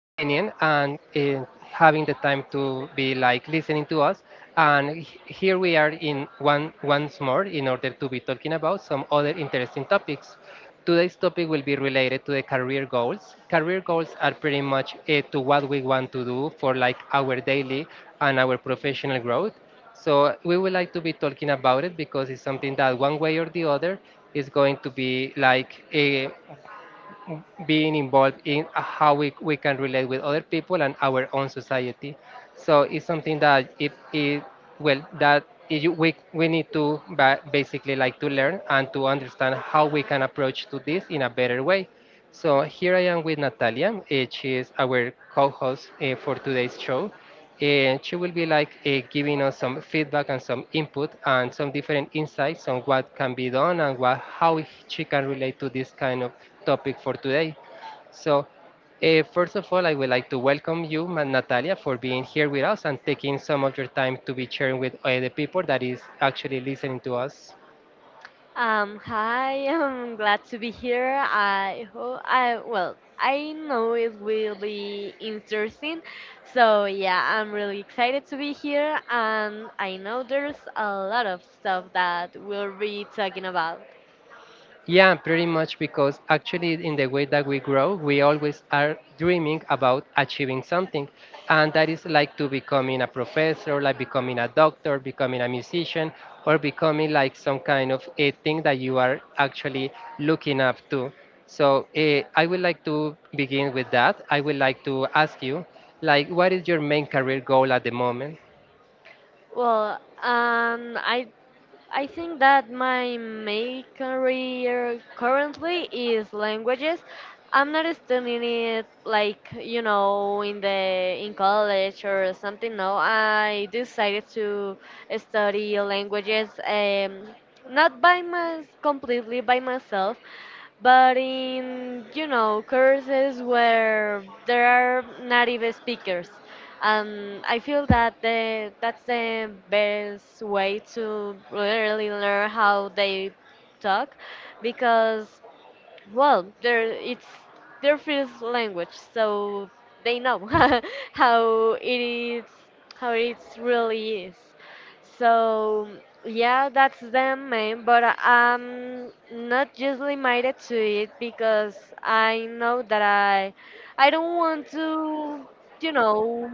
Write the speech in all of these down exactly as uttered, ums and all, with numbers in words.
tuning in and uh, having the time to be like listening to us. And h- here we are in one once more in order to be talking about some other interesting topics. Today's topic will be related to the career goals. Career goals are pretty much uh, to what we want to do for like our daily and our professional growth. So we would like to be talking about it because it's something that one way or the other is going to be like eh, being involved in how we, we can relate with other people and our own society. So it's something that it, it well that it, you- we we need to ba- basically like to learn and to understand how we can approach to this in a better way. So here I am with Natalia. Eh, she is our co-host uh, for today's show, and she will be like uh, giving us some feedback and some input and some different insights on what can be done and what how she can relate to this kind of topic for today. So, uh, first of all, I would like to welcome you, Ma- Natalia, for being here with us and taking some of your time to be sharing with uh, the people that is actually listening to us. Um, hi, I'm glad to be here. I hope I well, I know it will be interesting. So yeah, I'm really excited to be here, and I know there's a lot of stuff that we'll be talking about. Yeah, pretty much because actually, in the way that we grow, we always are dreaming about achieving something. And that is like to becoming a professor, like becoming a doctor, becoming a musician, or becoming like some kind of a thing that you are actually looking up to. So eh, I would like to begin with that. I would like to ask you, like, what is your main career goal at the moment? Well, um, I I think that my main career currently is languages. I'm not studying it, like, you know, in the in college or something. No, I decided to study languages, um, not by my completely by myself, but in, you know, courses where there are native speakers, and I feel that the, that's the best way to really learn how they talk, because, well, there it's their first language, so they know how it is, how it really is. So yeah, that's them, man. But I'm not usually minded to it, because I know that i i don't want to, you know,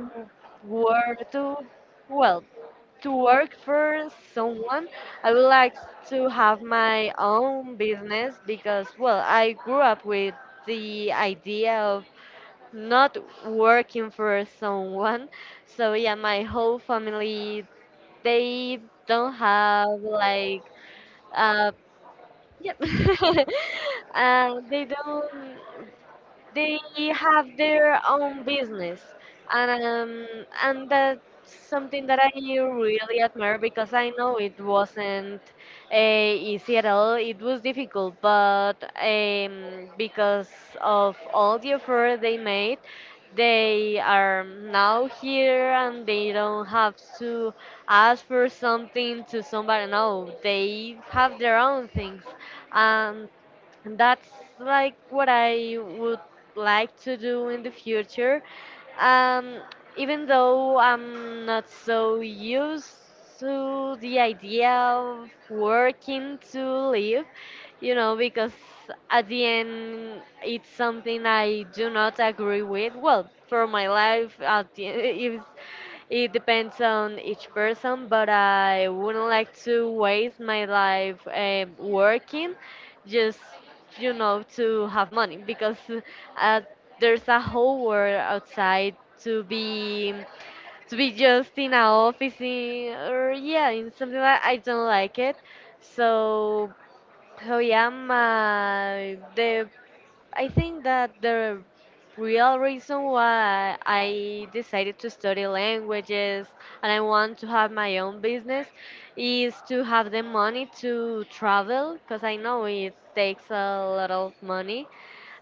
work to, well, to work for someone. I would like to have my own business because, well, I grew up with the idea of not working for someone. So, yeah, my whole family, they don't have, like, uh, yeah. uh, they don't they have their own business, and um, and that's something that I really admire, because I know it wasn't, uh, easy at all. It was difficult, but um, because of all the effort they made, they are now here, and they don't have to ask for something to somebody. No, they have their own things and. And that's like what I would like to do in the future. Um, Even though I'm not so used to the idea of working to live, you know, because at the end, it's something I do not agree with. Well, for my life, at the, it's it depends on each person, but I wouldn't like to waste my life um, working, just, you know, to have money, because, uh, there's a whole world outside to be to be just in an office in, or yeah, in something. Like, I don't like it. So, so yeah, my the I think that the real reason why I decided to study languages and I want to have my own business is to have the money to travel, because I know it takes a lot of money.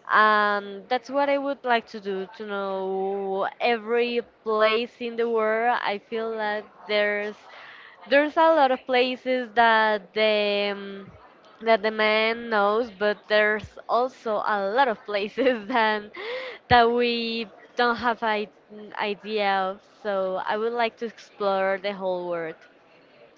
Um, that's what I would like to do, to know every place in the world. I feel that there's there's a lot of places that the um, that the man knows, but there's also a lot of places that that we don't have an idea of. So I would like to explore the whole world.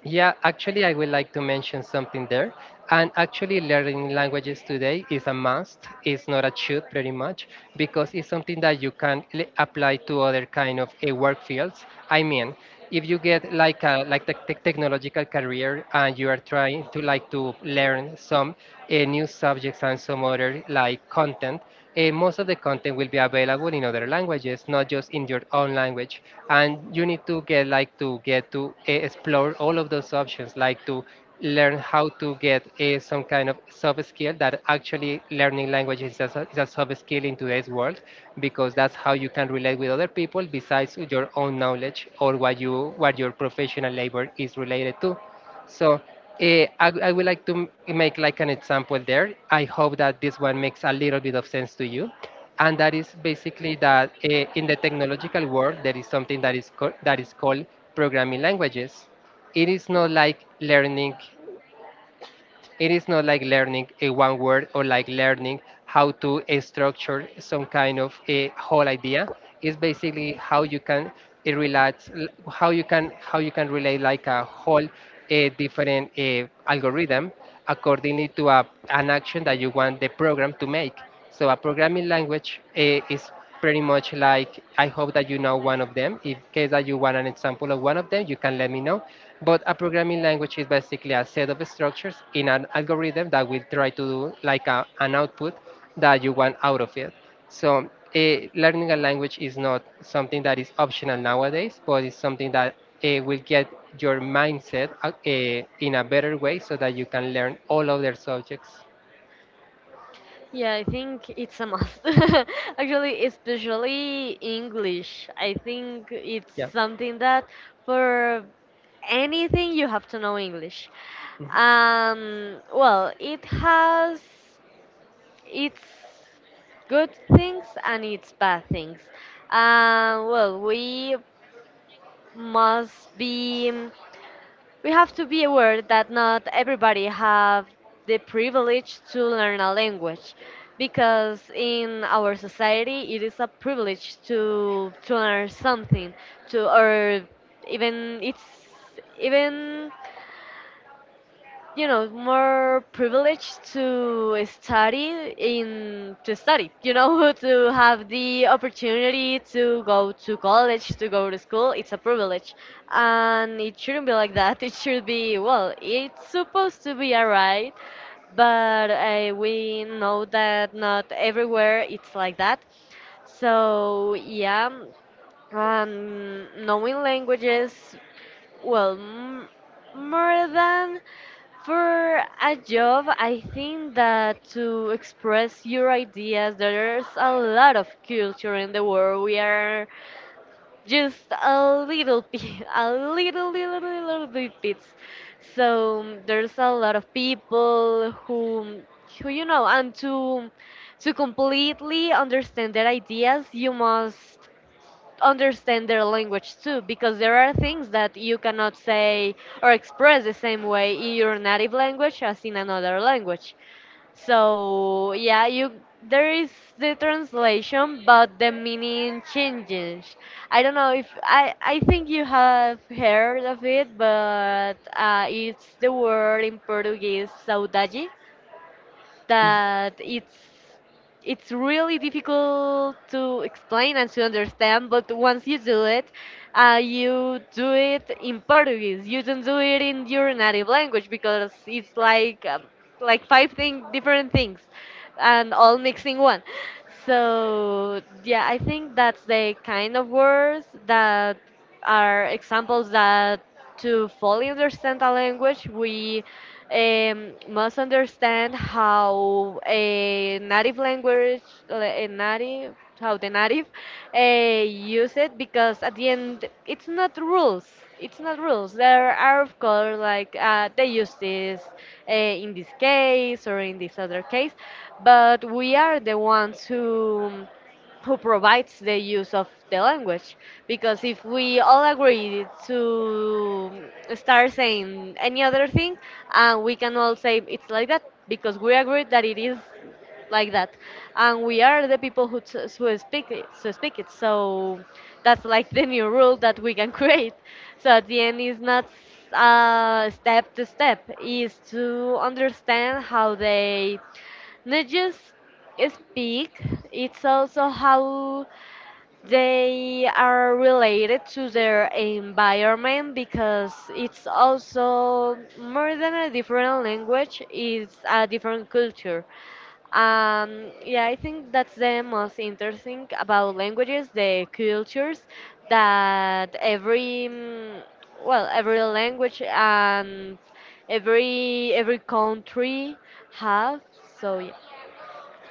Yeah, actually, I would like to mention something there. And actually, learning languages today is a must. It's not a should, pretty much, because it's something that you can l- apply to other kind of uh, work fields. I mean, if you get like a like the tech technological career and you are trying to like to learn some uh, new subjects and some other like content, eh, most of the content will be available in other languages, not just in your own language. And you need to get like to get to eh, explore all of those options, like to learn how to get eh, some kind of soft skill that actually learning languages is a, so- is a soft skill in today's world because that's how you can relate with other people besides your own knowledge or what you what your professional labor is related to. So uh, I, I would like to m- make like an example there. I hope that this one makes a little bit of sense to you. And that is basically that uh, in the technological world, there is something that is, co- that is called programming languages. It is not like learning it is not like learning a one word or like learning how to eh, structure some kind of a whole idea. It's basically how you can it relates how you can how you can relate like a whole a different uh, algorithm accordingly to a, an action that you want the program to make. So a programming language uh, is pretty much like I hope that you know one of them. In case that you want an example of one of them, you can let me know. But a programming language is basically a set of structures in an algorithm that will try to do like a, an output that you want out of it. So eh, learning a language is not something that is optional nowadays, but it's something that uh, will get your mindset uh, eh, in a better way so that you can learn all other subjects. Yeah, I think it's a must. Actually, especially English. I think it's something that Yeah. for anything you have to know English. Um, well, it has it's good things and it's bad things. Uh, well, we must be, we have to be aware that not everybody have the privilege to learn a language, because in our society it is a privilege to to learn something, to or even it's even, you know, more privileged to study in to study, you know, to have the opportunity to go to college, to go to school. It's a privilege, and it shouldn't be like that. It should be, well, it's supposed to be all right, but uh, we know that not everywhere it's like that. So yeah, um, knowing languages, well, m- more than for a job, I think that to express your ideas, there's a lot of culture in the world. We are just a little bit, a little, little, little bit bits. So there's a lot of people who, who you know, and to to completely understand their ideas, you must understand their language too, because there are things that you cannot say or express the same way in your native language as in another language. So yeah, you there is the translation, but the meaning changes. I don't know if i i think you have heard of it, but uh, it's the word in Portuguese, saudade, that it's it's really difficult to explain and to understand, but once you do it, uh, you do it in Portuguese. You don't do it in your native language, because it's like, um, like five thing, different things, and all mixing one. So yeah, I think that's the kind of words that are examples, that to fully understand a language, we um, must understand how a native language, a native, how the native uh, use it, because at the end, it's not rules. It's not rules. There are, of course, like, uh, they use this uh, in this case or in this other case, but we are the ones who who provides the use of the language. Because if we all agree to start saying any other thing, and we can all say it's like that, because we agree that it is like that, and we are the people who, t- who speak it, so speak it. So that's like the new rule that we can create. So at the end, it's not uh, step to step, is to understand how they not just speak, it's also how they are related to their environment, because it's also more than a different language, it's a different culture. Um, yeah, I think that's the most interesting about languages, the cultures that every mm, well, every language and every every country have. So yeah.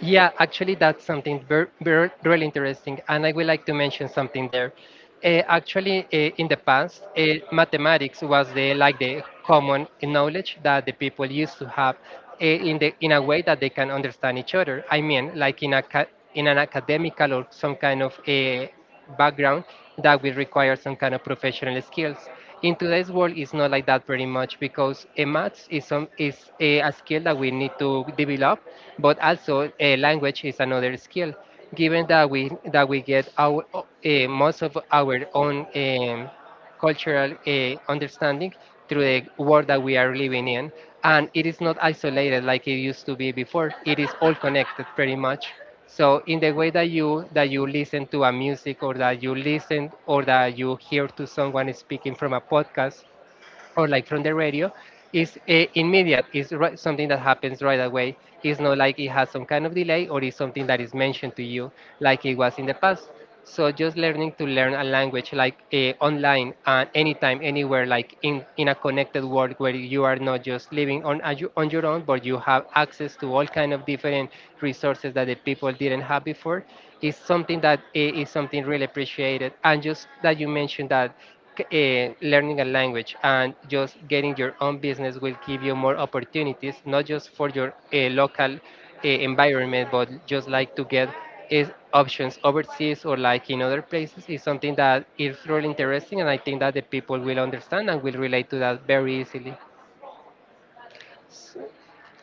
Yeah, actually, that's something very, very, really interesting, and I would like to mention something there. Uh, actually, uh, in the past, uh, mathematics was the like the common knowledge that the people used to have uh, in the in a way that they can understand each other. I mean, like in a ca- in an academical or some kind of uh, background that will require some kind of professional skills. In today's world, it's not like that pretty much because a maths is some is a, a skill that we need to develop, but also a language is another skill. Given that we that we get our uh, most of our own um, cultural uh, understanding through the world that we are living in. And it is not isolated like it used to be before. It is all connected pretty much. So in the way that you that you listen to a music or that you listen or that you hear to someone speaking from a podcast, or like from the radio is uh, immediate. It's right, something that happens right away. It's not like it has some kind of delay or it's something that is mentioned to you like it was in the past. So just learning to learn a language like uh, online and anytime anywhere, like in in a connected world where you are not just living on a- on your own but you have access to all kind of different resources that the people didn't have before, is something that i- is something really appreciated. And just that you mentioned that c- eh, learning a language and just getting your own business will give you more opportunities, not just for your eh, local eh, environment, but just like to get is options overseas or like in other places is something that is really interesting, and I think that the people will understand and will relate to that very easily.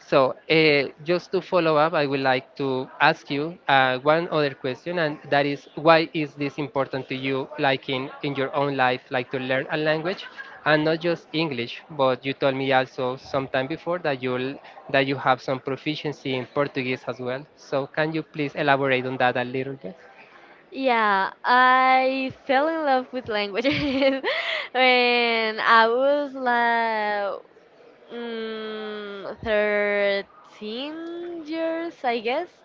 So, uh, just to follow up, I would like to ask you uh, one other question, and that is, why is this important to you, like in in your own life, like to learn a language, and not just English? But you told me also sometime before that you that you have some proficiency in Portuguese as well. So, can you please elaborate on that a little bit? Yeah, I fell in love with languages when I was like, mm, thirteen years, I guess.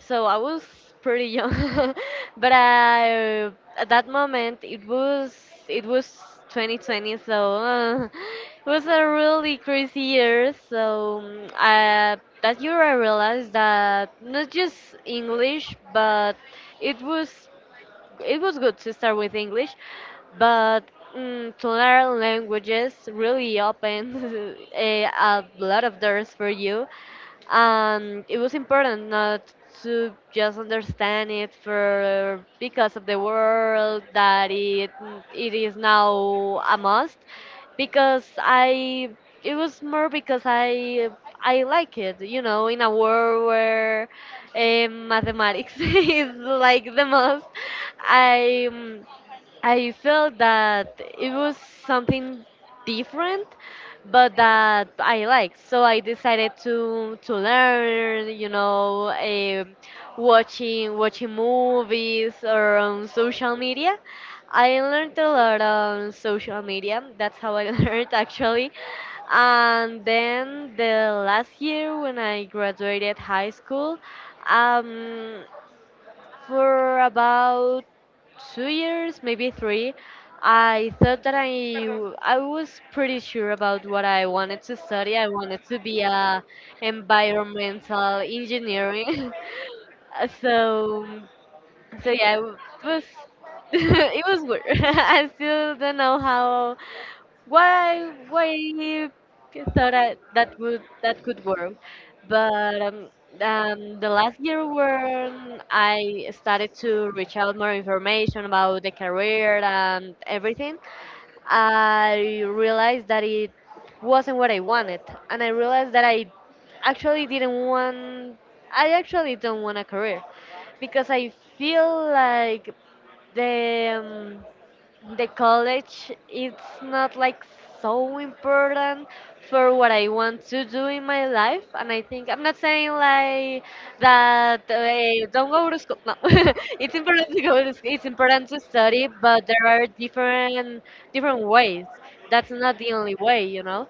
So I was pretty young, but I, at that moment it was it was twenty twenty, so, uh, it was a really crazy year. So mm, uh, that year I realized that not just English, but it was it was good to start with English, but mm, to learn languages really opens eh, a lot of doors for you. And it was important, not to just understand it for because of the world, that it it is now a must, because I, it was more because I I like it, you know, in a world where um mathematics is like the most, I I felt that it was something different, but that I liked. So I decided to to learn, you know, um watching watching movies or on social media. I learned a lot on social media. That's how I learned, actually. And then the last year when I graduated high school, um, for about two years, maybe three, I thought that I w- I was pretty sure about what I wanted to study. I wanted to be a environmental engineering. So so yeah, it was it was weird. I still don't know how why why thought I, that would that could work. But um, um, the last year when I started to reach out more information about the career and everything, I realized that it wasn't what I wanted, and I realized that I actually didn't want. I actually don't want a career, because I feel like the um, the college it's not like so important for what I want to do in my life. And I think, I'm not saying like that, uh, don't go to school. No, it's important to go to school, it's important to study, but there are different different ways. That's not the only way, you know.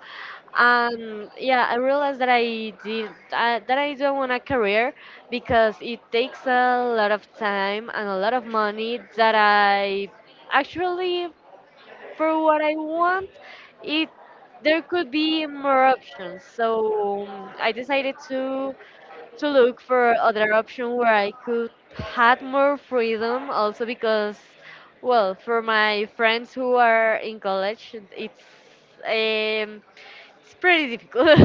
And yeah, I realized that I did, uh, that I don't want a career, because it takes a lot of time and a lot of money that I actually for what I want, it there could be more options. So um, I decided to to look for other option where I could had more freedom, also because, well, for my friends who are in college, it's um, it's pretty difficult,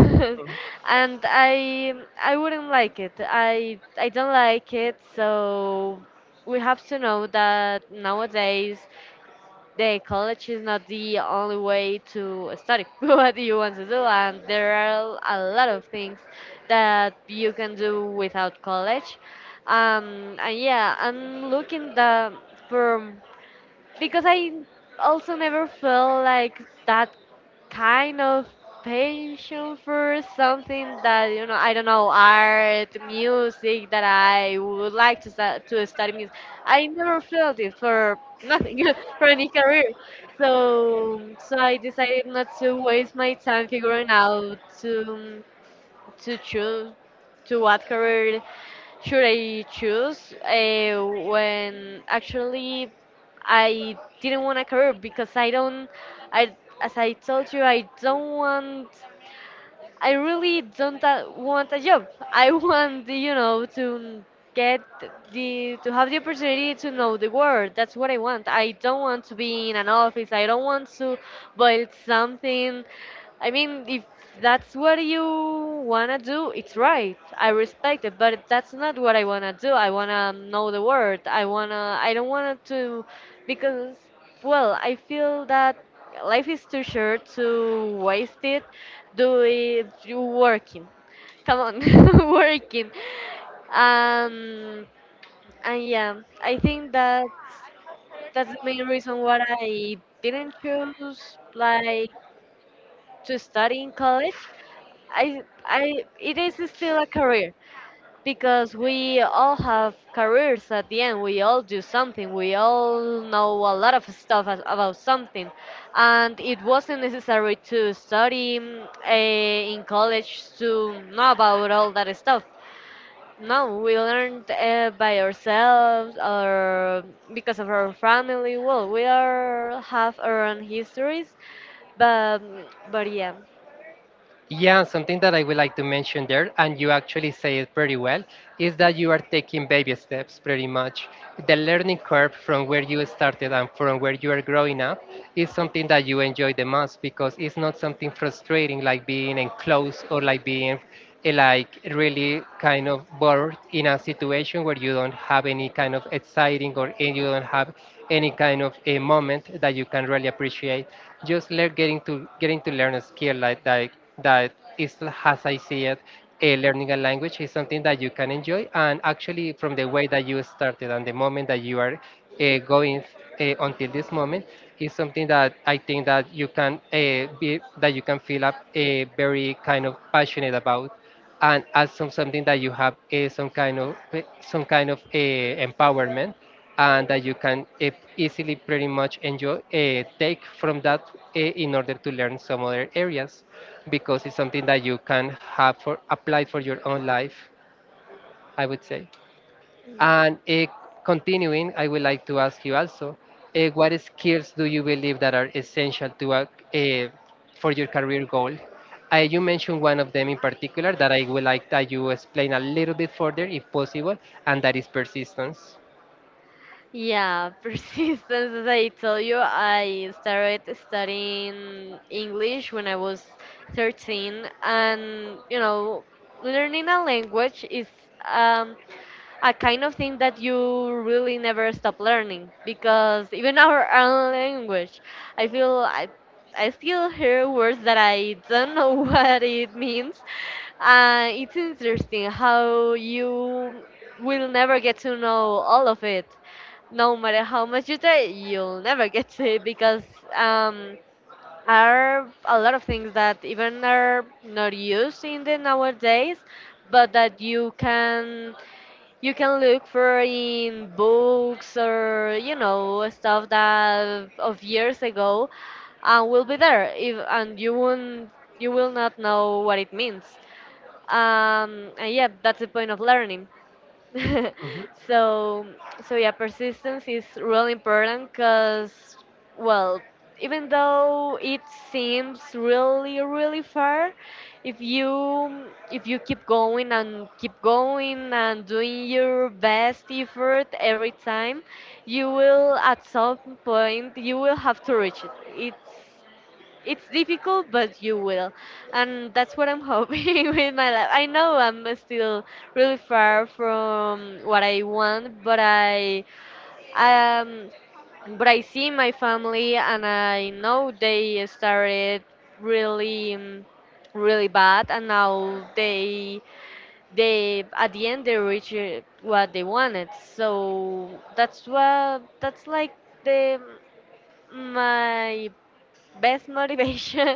and I I wouldn't like it. I I don't like it. So we have to know that nowadays the college is not the only way to study what you want to do, and there are a lot of things that you can do without college. Um and yeah, I'm looking the for because I also never felt like that kind of passion for something, that you know, I don't know, art, music, that I would like to, stu- to study music. I never felt it for nothing, for any career. So so I decided not to waste my time figuring out to to choose to what career should I choose, uh, when actually I didn't want a career, because I don't, I as I told you, I don't want, I really don't uh, want a job. I want, you know, to get the to have the opportunity to know the world. That's what I want. I don't want to be in an office. I don't want to build something. I mean, if that's what you wanna do, it's right. I respect it, but that's not what I wanna do. I wanna know the word. I wanna. I don't wanna to, because well, I feel that life is too short to waste it. Do it. You working. Come on, working. Um, and yeah, I think that's that's the main reason why I didn't choose like to study in college. I I It is still a career because we all have careers at the end. We all do something. We all know a lot of stuff as- about something, and it wasn't necessary to study uh, in college to know about all that stuff. No, we learned uh, by ourselves or because of our family. Well, we are have our own histories, but but yeah. Yeah, something that I would like to mention there, and you actually say it pretty well, is that you are taking baby steps pretty much. The learning curve from where you started and from where you are growing up is something that you enjoy the most because it's not something frustrating like being enclosed or like being eh, like really kind of bored in a situation where you don't have any kind of exciting or and you don't have any kind of a moment that you can really appreciate. Just learn getting to getting to learn a skill like that that is as I see it. A learning a language is something that you can enjoy, and actually, from the way that you started and the moment that you are uh, going uh, until this moment, is something that I think that you can uh, be that you can feel a, a very kind of passionate about, and as some something that you have uh, some kind of uh, some kind of uh, empowerment, and that you can uh, easily pretty much enjoy uh, take from that uh, in order to learn some other areas, because it's something that you can have for apply for your own life, I would say. And eh, continuing, I would like to ask you also, eh, what skills do you believe that are essential to a, eh, for your career goal? Uh, you mentioned one of them in particular that I would like that you explain a little bit further, if possible, and that is persistence. Yeah, persistence. As I told you, I started studying English when I was thirteen, and you know, learning a language is um, a kind of thing that you really never stop learning because even our own language, I feel I, I still hear words that I don't know what it means. Uh, it's interesting how you will never get to know all of it no matter how much you try, you'll never get to it because um, are a lot of things that even are not used in the nowadays, but that you can you can look for in books or you know stuff that of years ago and will be there if and you won't you will not know what it means. Um, and yeah, that's the point of learning. so so yeah persistence is really important because well, even though it seems really really far, if you if you keep going and keep going and doing your best effort every time, you will at some point, you will have to reach it it's it's difficult, but you will. And that's what I'm hoping with my life. I know I'm still really far from what I want, but I um but I see my family and I know they started really um, really bad, and now they they at the end they reach uh, what they wanted. So that's what that's like the my best motivation.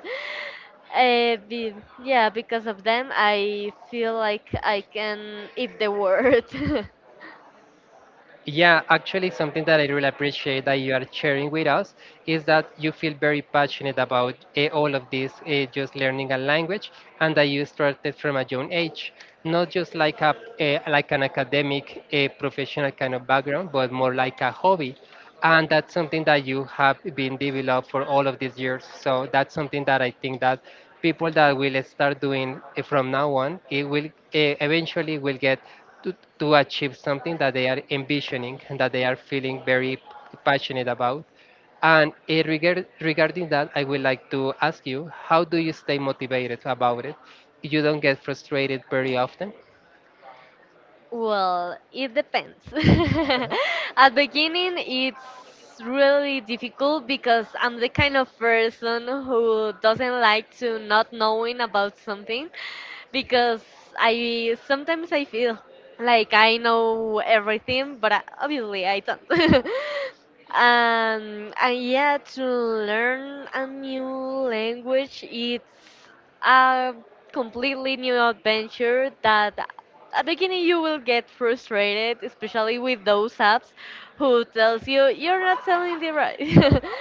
uh, be, yeah, because of them, I feel like I can eat the world. Yeah, actually, something that I really appreciate that you are sharing with us is that you feel very passionate about eh, all of this, eh, just learning a language, and that you started from a young age, not just like a, eh, like an academic, a professional kind of background, but more like a hobby. And that's something that you have been developed for all of these years, so that's something that I think that people that will start doing it from now on it will eh, eventually will get to, to achieve something that they are envisioning and that they are feeling very passionate about. And eh, regard, regarding that, I would like to ask you, how do you stay motivated about it? You don't get frustrated very often? Well, it depends. At beginning, it's really difficult because I'm the kind of person who doesn't like to not knowing about something because I sometimes I feel like I know everything, but I, obviously I don't. um, and uh, Yeah, to learn a new language, it's a completely new adventure that at the beginning you will get frustrated, especially with those apps who tells you you're not selling the right.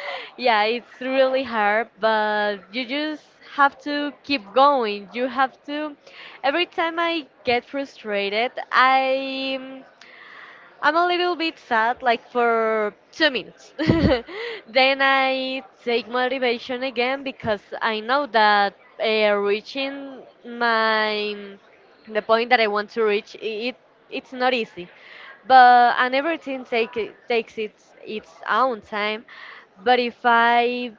Yeah, it's really hard, but you just have to keep going. You have to. Every time I get frustrated, I I'm a little bit sad, like for two minutes. Then I take motivation again because I know that uh, reaching my the point that I want to reach, i- it it's not easy. But and everything take, it- takes its its own time. But if I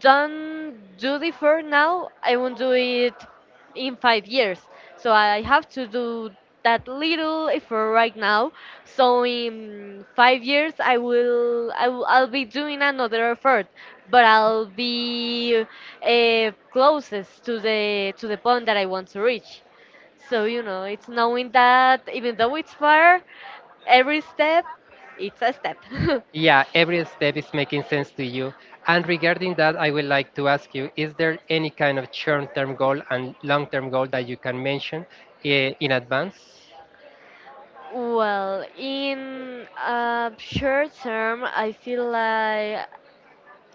don't do the for now, I won't do it in five years. So I have to do that little effort right now. So in five years, I will, I will I'll be doing another effort, but I'll be uh, closest to the to the point that I want to reach. So you know, it's knowing that even though it's far, every step, it's a step. Yeah, every step is making sense to you. And regarding that, I would like to ask you, is there any kind of short-term goal and long-term goal that you can mention eh, in advance? Well, in a short term, I feel like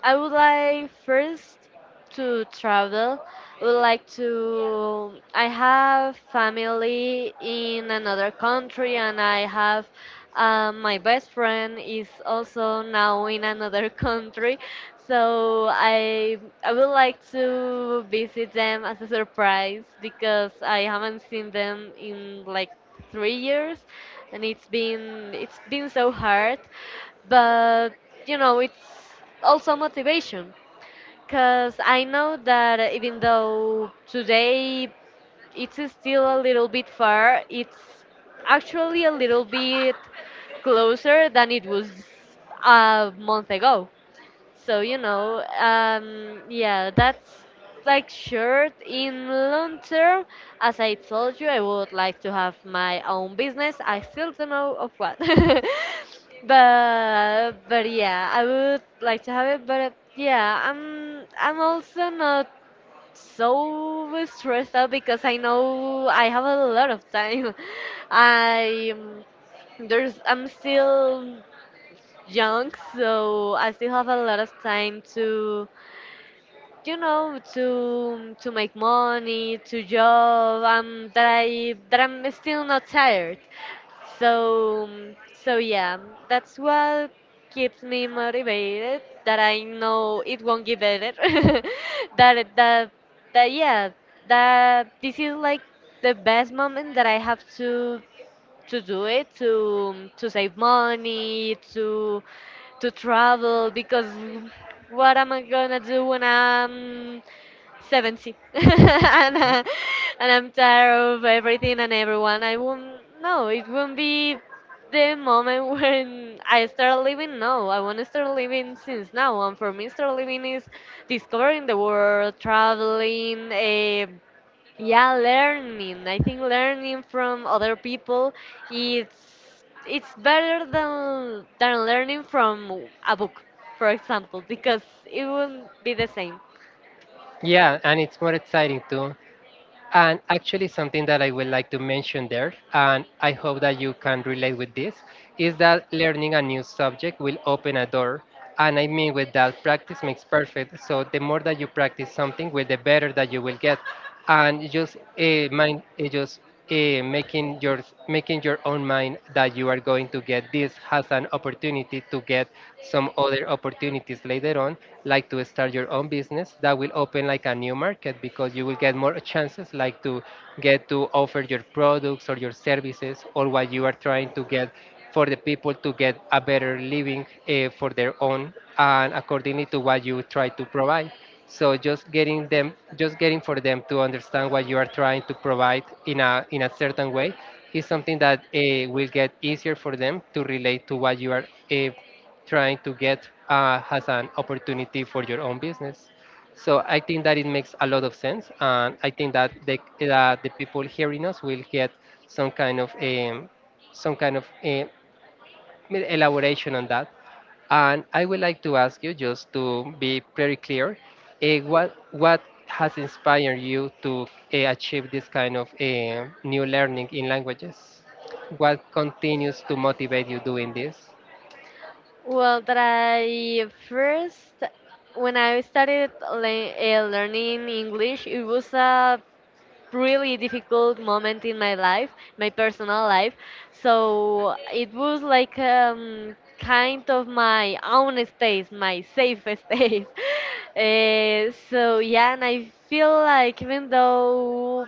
I would like first to travel. I would like to. I have family in another country, and I have um, my best friend is also now in another country. So I I would like to visit them as a surprise because I haven't seen them in like three years, and it's been it's been so hard, but you know, it's also motivation because I know that even though today it's still a little bit far, it's actually a little bit closer than it was a month ago. So you know, um, yeah, that's like short in long term. As I told you, I would like to have my own business. I still don't know of what, but but yeah, I would like to have it. But uh, yeah, I'm I'm also not so stressed out because I know I have a lot of time. I there's I'm still young, so I still have a lot of time to, you know, to to make money, to job. Um, that I that I'm still not tired. So so yeah, that's what keeps me motivated. That I know it won't get better. that it- that that Yeah, that this is like the best moment that I have to to do it to to save money, to to travel. Because what am I gonna do when I'm seventy and, uh, and I'm tired of everything and everyone? I won't, no, it won't be the moment when I start living. No, I want to start living since now. And for me, start living is discovering the world, traveling, uh, yeah, learning. I think learning from other people, it's it's better than than learning from a book, for example, because it won't be the same. Yeah, and it's more exciting too. And actually, something that I would like to mention there, and I hope that you can relate with this, is that learning a new subject will open a door. And I mean, with that, practice makes perfect. So, the more that you practice something, well, the better that you will get. And just uh, mind, eh, just eh, making your making your own mind that you are going to get this has an opportunity to get some other opportunities later on, like to start your own business that will open like a new market because you will get more chances, like to get to offer your products or your services or what you are trying to get for the people to get a better living, uh, for their own and accordingly to what you try to provide. So just getting them, just getting for them to understand what you are trying to provide in a in a certain way is something that uh, will get easier for them to relate to what you are uh, trying to get uh, as an opportunity for your own business. So I think that it makes a lot of sense, and I think that the that the people hearing us will get some kind of um, some kind of uh, elaboration on that. And I would like to ask you just to be very clear, uh, what what has inspired you to uh, achieve this kind of uh, new learning in languages? What continues to motivate you doing this? Well, that I first when I started le- uh, learning English, it was a really difficult moment in my life, my personal life. So it was like um, kind of my own space, my safe space. Eh, so yeah, and I feel like even though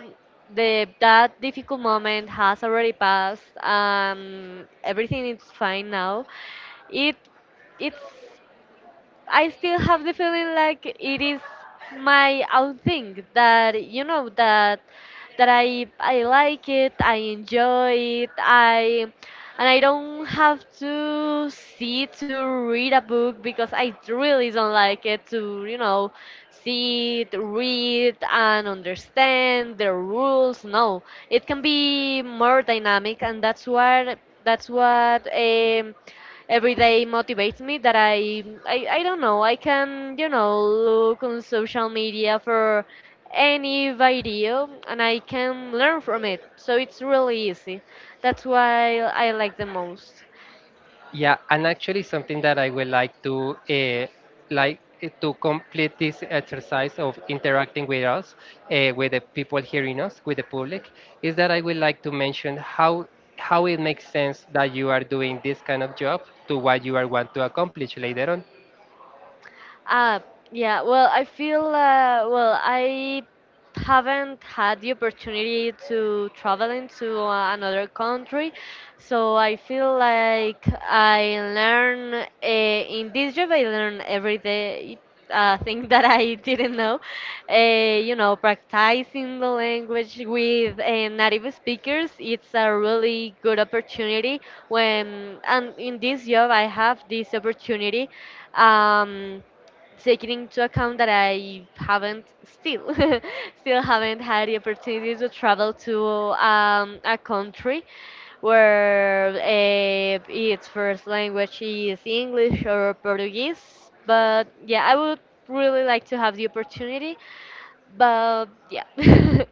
the that difficult moment has already passed, um, everything is fine now. It it's I still have the feeling like it is my own thing, that you know, that that I I like it, I enjoy it, I and I don't have to see to read a book because I really don't like it to you know, see it, read and understand the rules. No, it can be more dynamic, and that's what that's what. Um, every day motivates me that I, I I don't know, I can you know look on social media for any video and I can learn from it, so it's really easy. That's why I like the most. Yeah, and actually something that I would like to uh, like eh, to complete this exercise of interacting with us, uh, with the people hearing us, with the public, is that I would like to mention how how it makes sense that you are doing this kind of job to what you are want to accomplish later on. Uh, yeah, well, I feel, uh, well, I haven't had the opportunity to travel into uh, another country, so I feel like I learn uh, in this job. I learn every day uh, thing that I didn't know. Uh, you know, practicing the language with uh, native speakers, it's a really good opportunity when, and in this job, I have this opportunity. Um, taking into account that I haven't still still haven't had the opportunity to travel to um, a country where eh, its first language is English or Portuguese. But yeah, I would really like to have the opportunity. But yeah.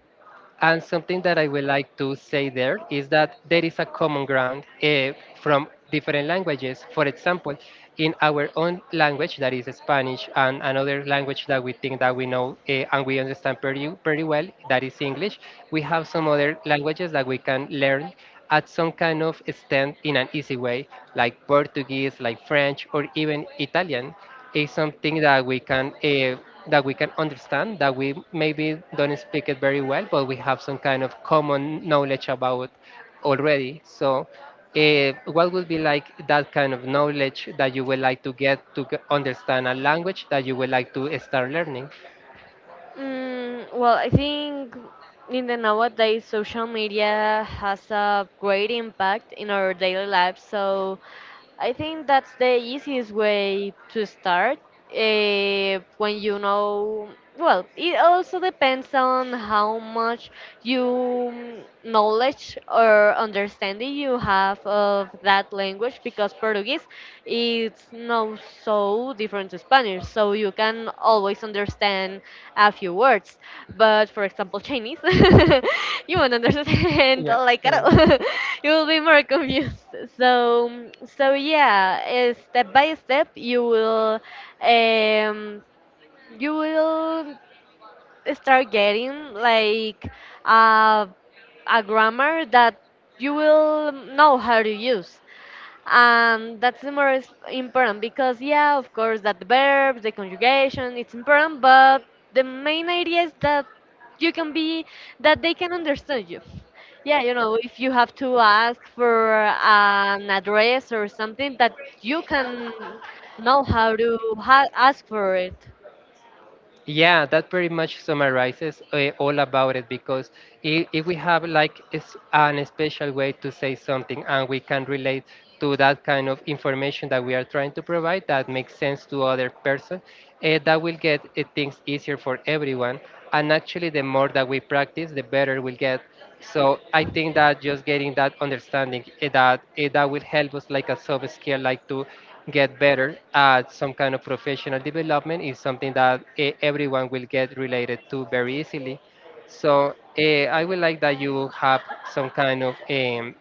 And something that I would like to say there is that there is a common ground, eh, from different languages. For example, in our own language, that is Spanish, and another language that we think that we know, eh, and we understand pretty, pretty well, that is English, we have some other languages that we can learn at some kind of extent in an easy way, like Portuguese, like French, or even Italian is something that we can uh, that we can understand, that we maybe don't speak it very well but we have some kind of common knowledge about already. So uh, what would be like that kind of knowledge that you would like to get to g- understand a language that you would like to start learning? Mm, well, I think in the nowadays, social media has a great impact in our daily lives. So I think that's the easiest way to start. Uh, when you know, well, it also depends on how much you mm, knowledge or understanding you have of that language, because Portuguese, it's not so different to Spanish, so you can always understand a few words. But for example, Chinese, you won't understand Yeah, like at yeah. all. You will be more confused. So so yeah eh, step by step, you will um you will start getting like uh, a grammar that you will know how to use. Um, that's the most important because yeah, of course that the verbs, the conjugation, it's important, but the main idea is that you can be that they can understand you. Yeah, you know, if you have to ask for an address or something, that you can know how to ha- ask for it. Yeah, that pretty much summarizes uh, all about it because if, if we have like is an special way to say something and we can relate to that kind of information that we are trying to provide that makes sense to other person, uh, that will get uh, things easier for everyone. And actually, the more that we practice, the better we'll get. So I think that just getting that understanding, eh, that eh, that will help us like a sub skill, like to get better at some kind of professional development, is something that eh, everyone will get related to very easily. So eh, I would like that you have some kind of um,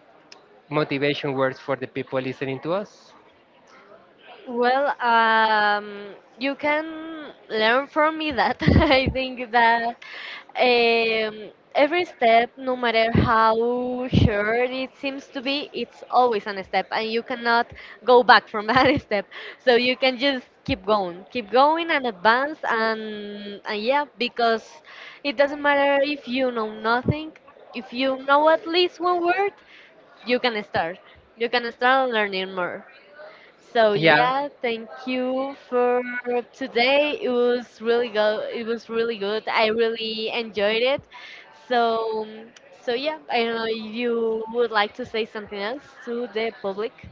motivation words for the people listening to us. Well, um, you can learn from me that I think that um, every step, no matter how short it seems to be, it's always an step, and you cannot go back from that step. So you can just keep going, keep going, and advance, and, and yeah, because it doesn't matter if you know So nothing, if you know at least one word, you can start. You can start learning more. So yeah. yeah, thank you for today. It was really good. It was really good. I really enjoyed it. So so yeah, I don't know if you would like to say something else to the public.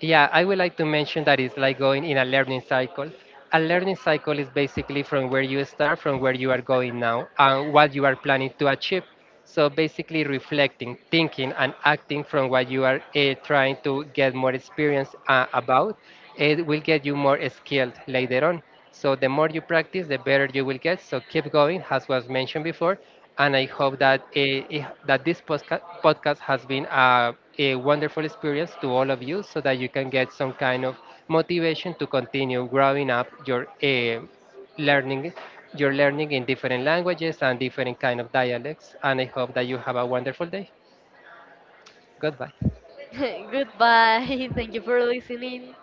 Yeah, I would like to mention that it's like going in a learning cycle. A learning cycle is basically from where you start, from where you are going now, and what you are planning to achieve. So basically, reflecting, thinking, and acting from what you are eh, trying to get more experience uh, about, it will get you more skilled later on. So the more you practice, the better you will get. So keep going, as was mentioned before, and I hope that uh, eh, that this postca- podcast has been a, a wonderful experience to all of you, so that you can get some kind of motivation to continue growing up your uh, learning, your learning in different languages and different kind of dialects. And I hope that you have a wonderful day. Goodbye. Goodbye. Thank you for listening.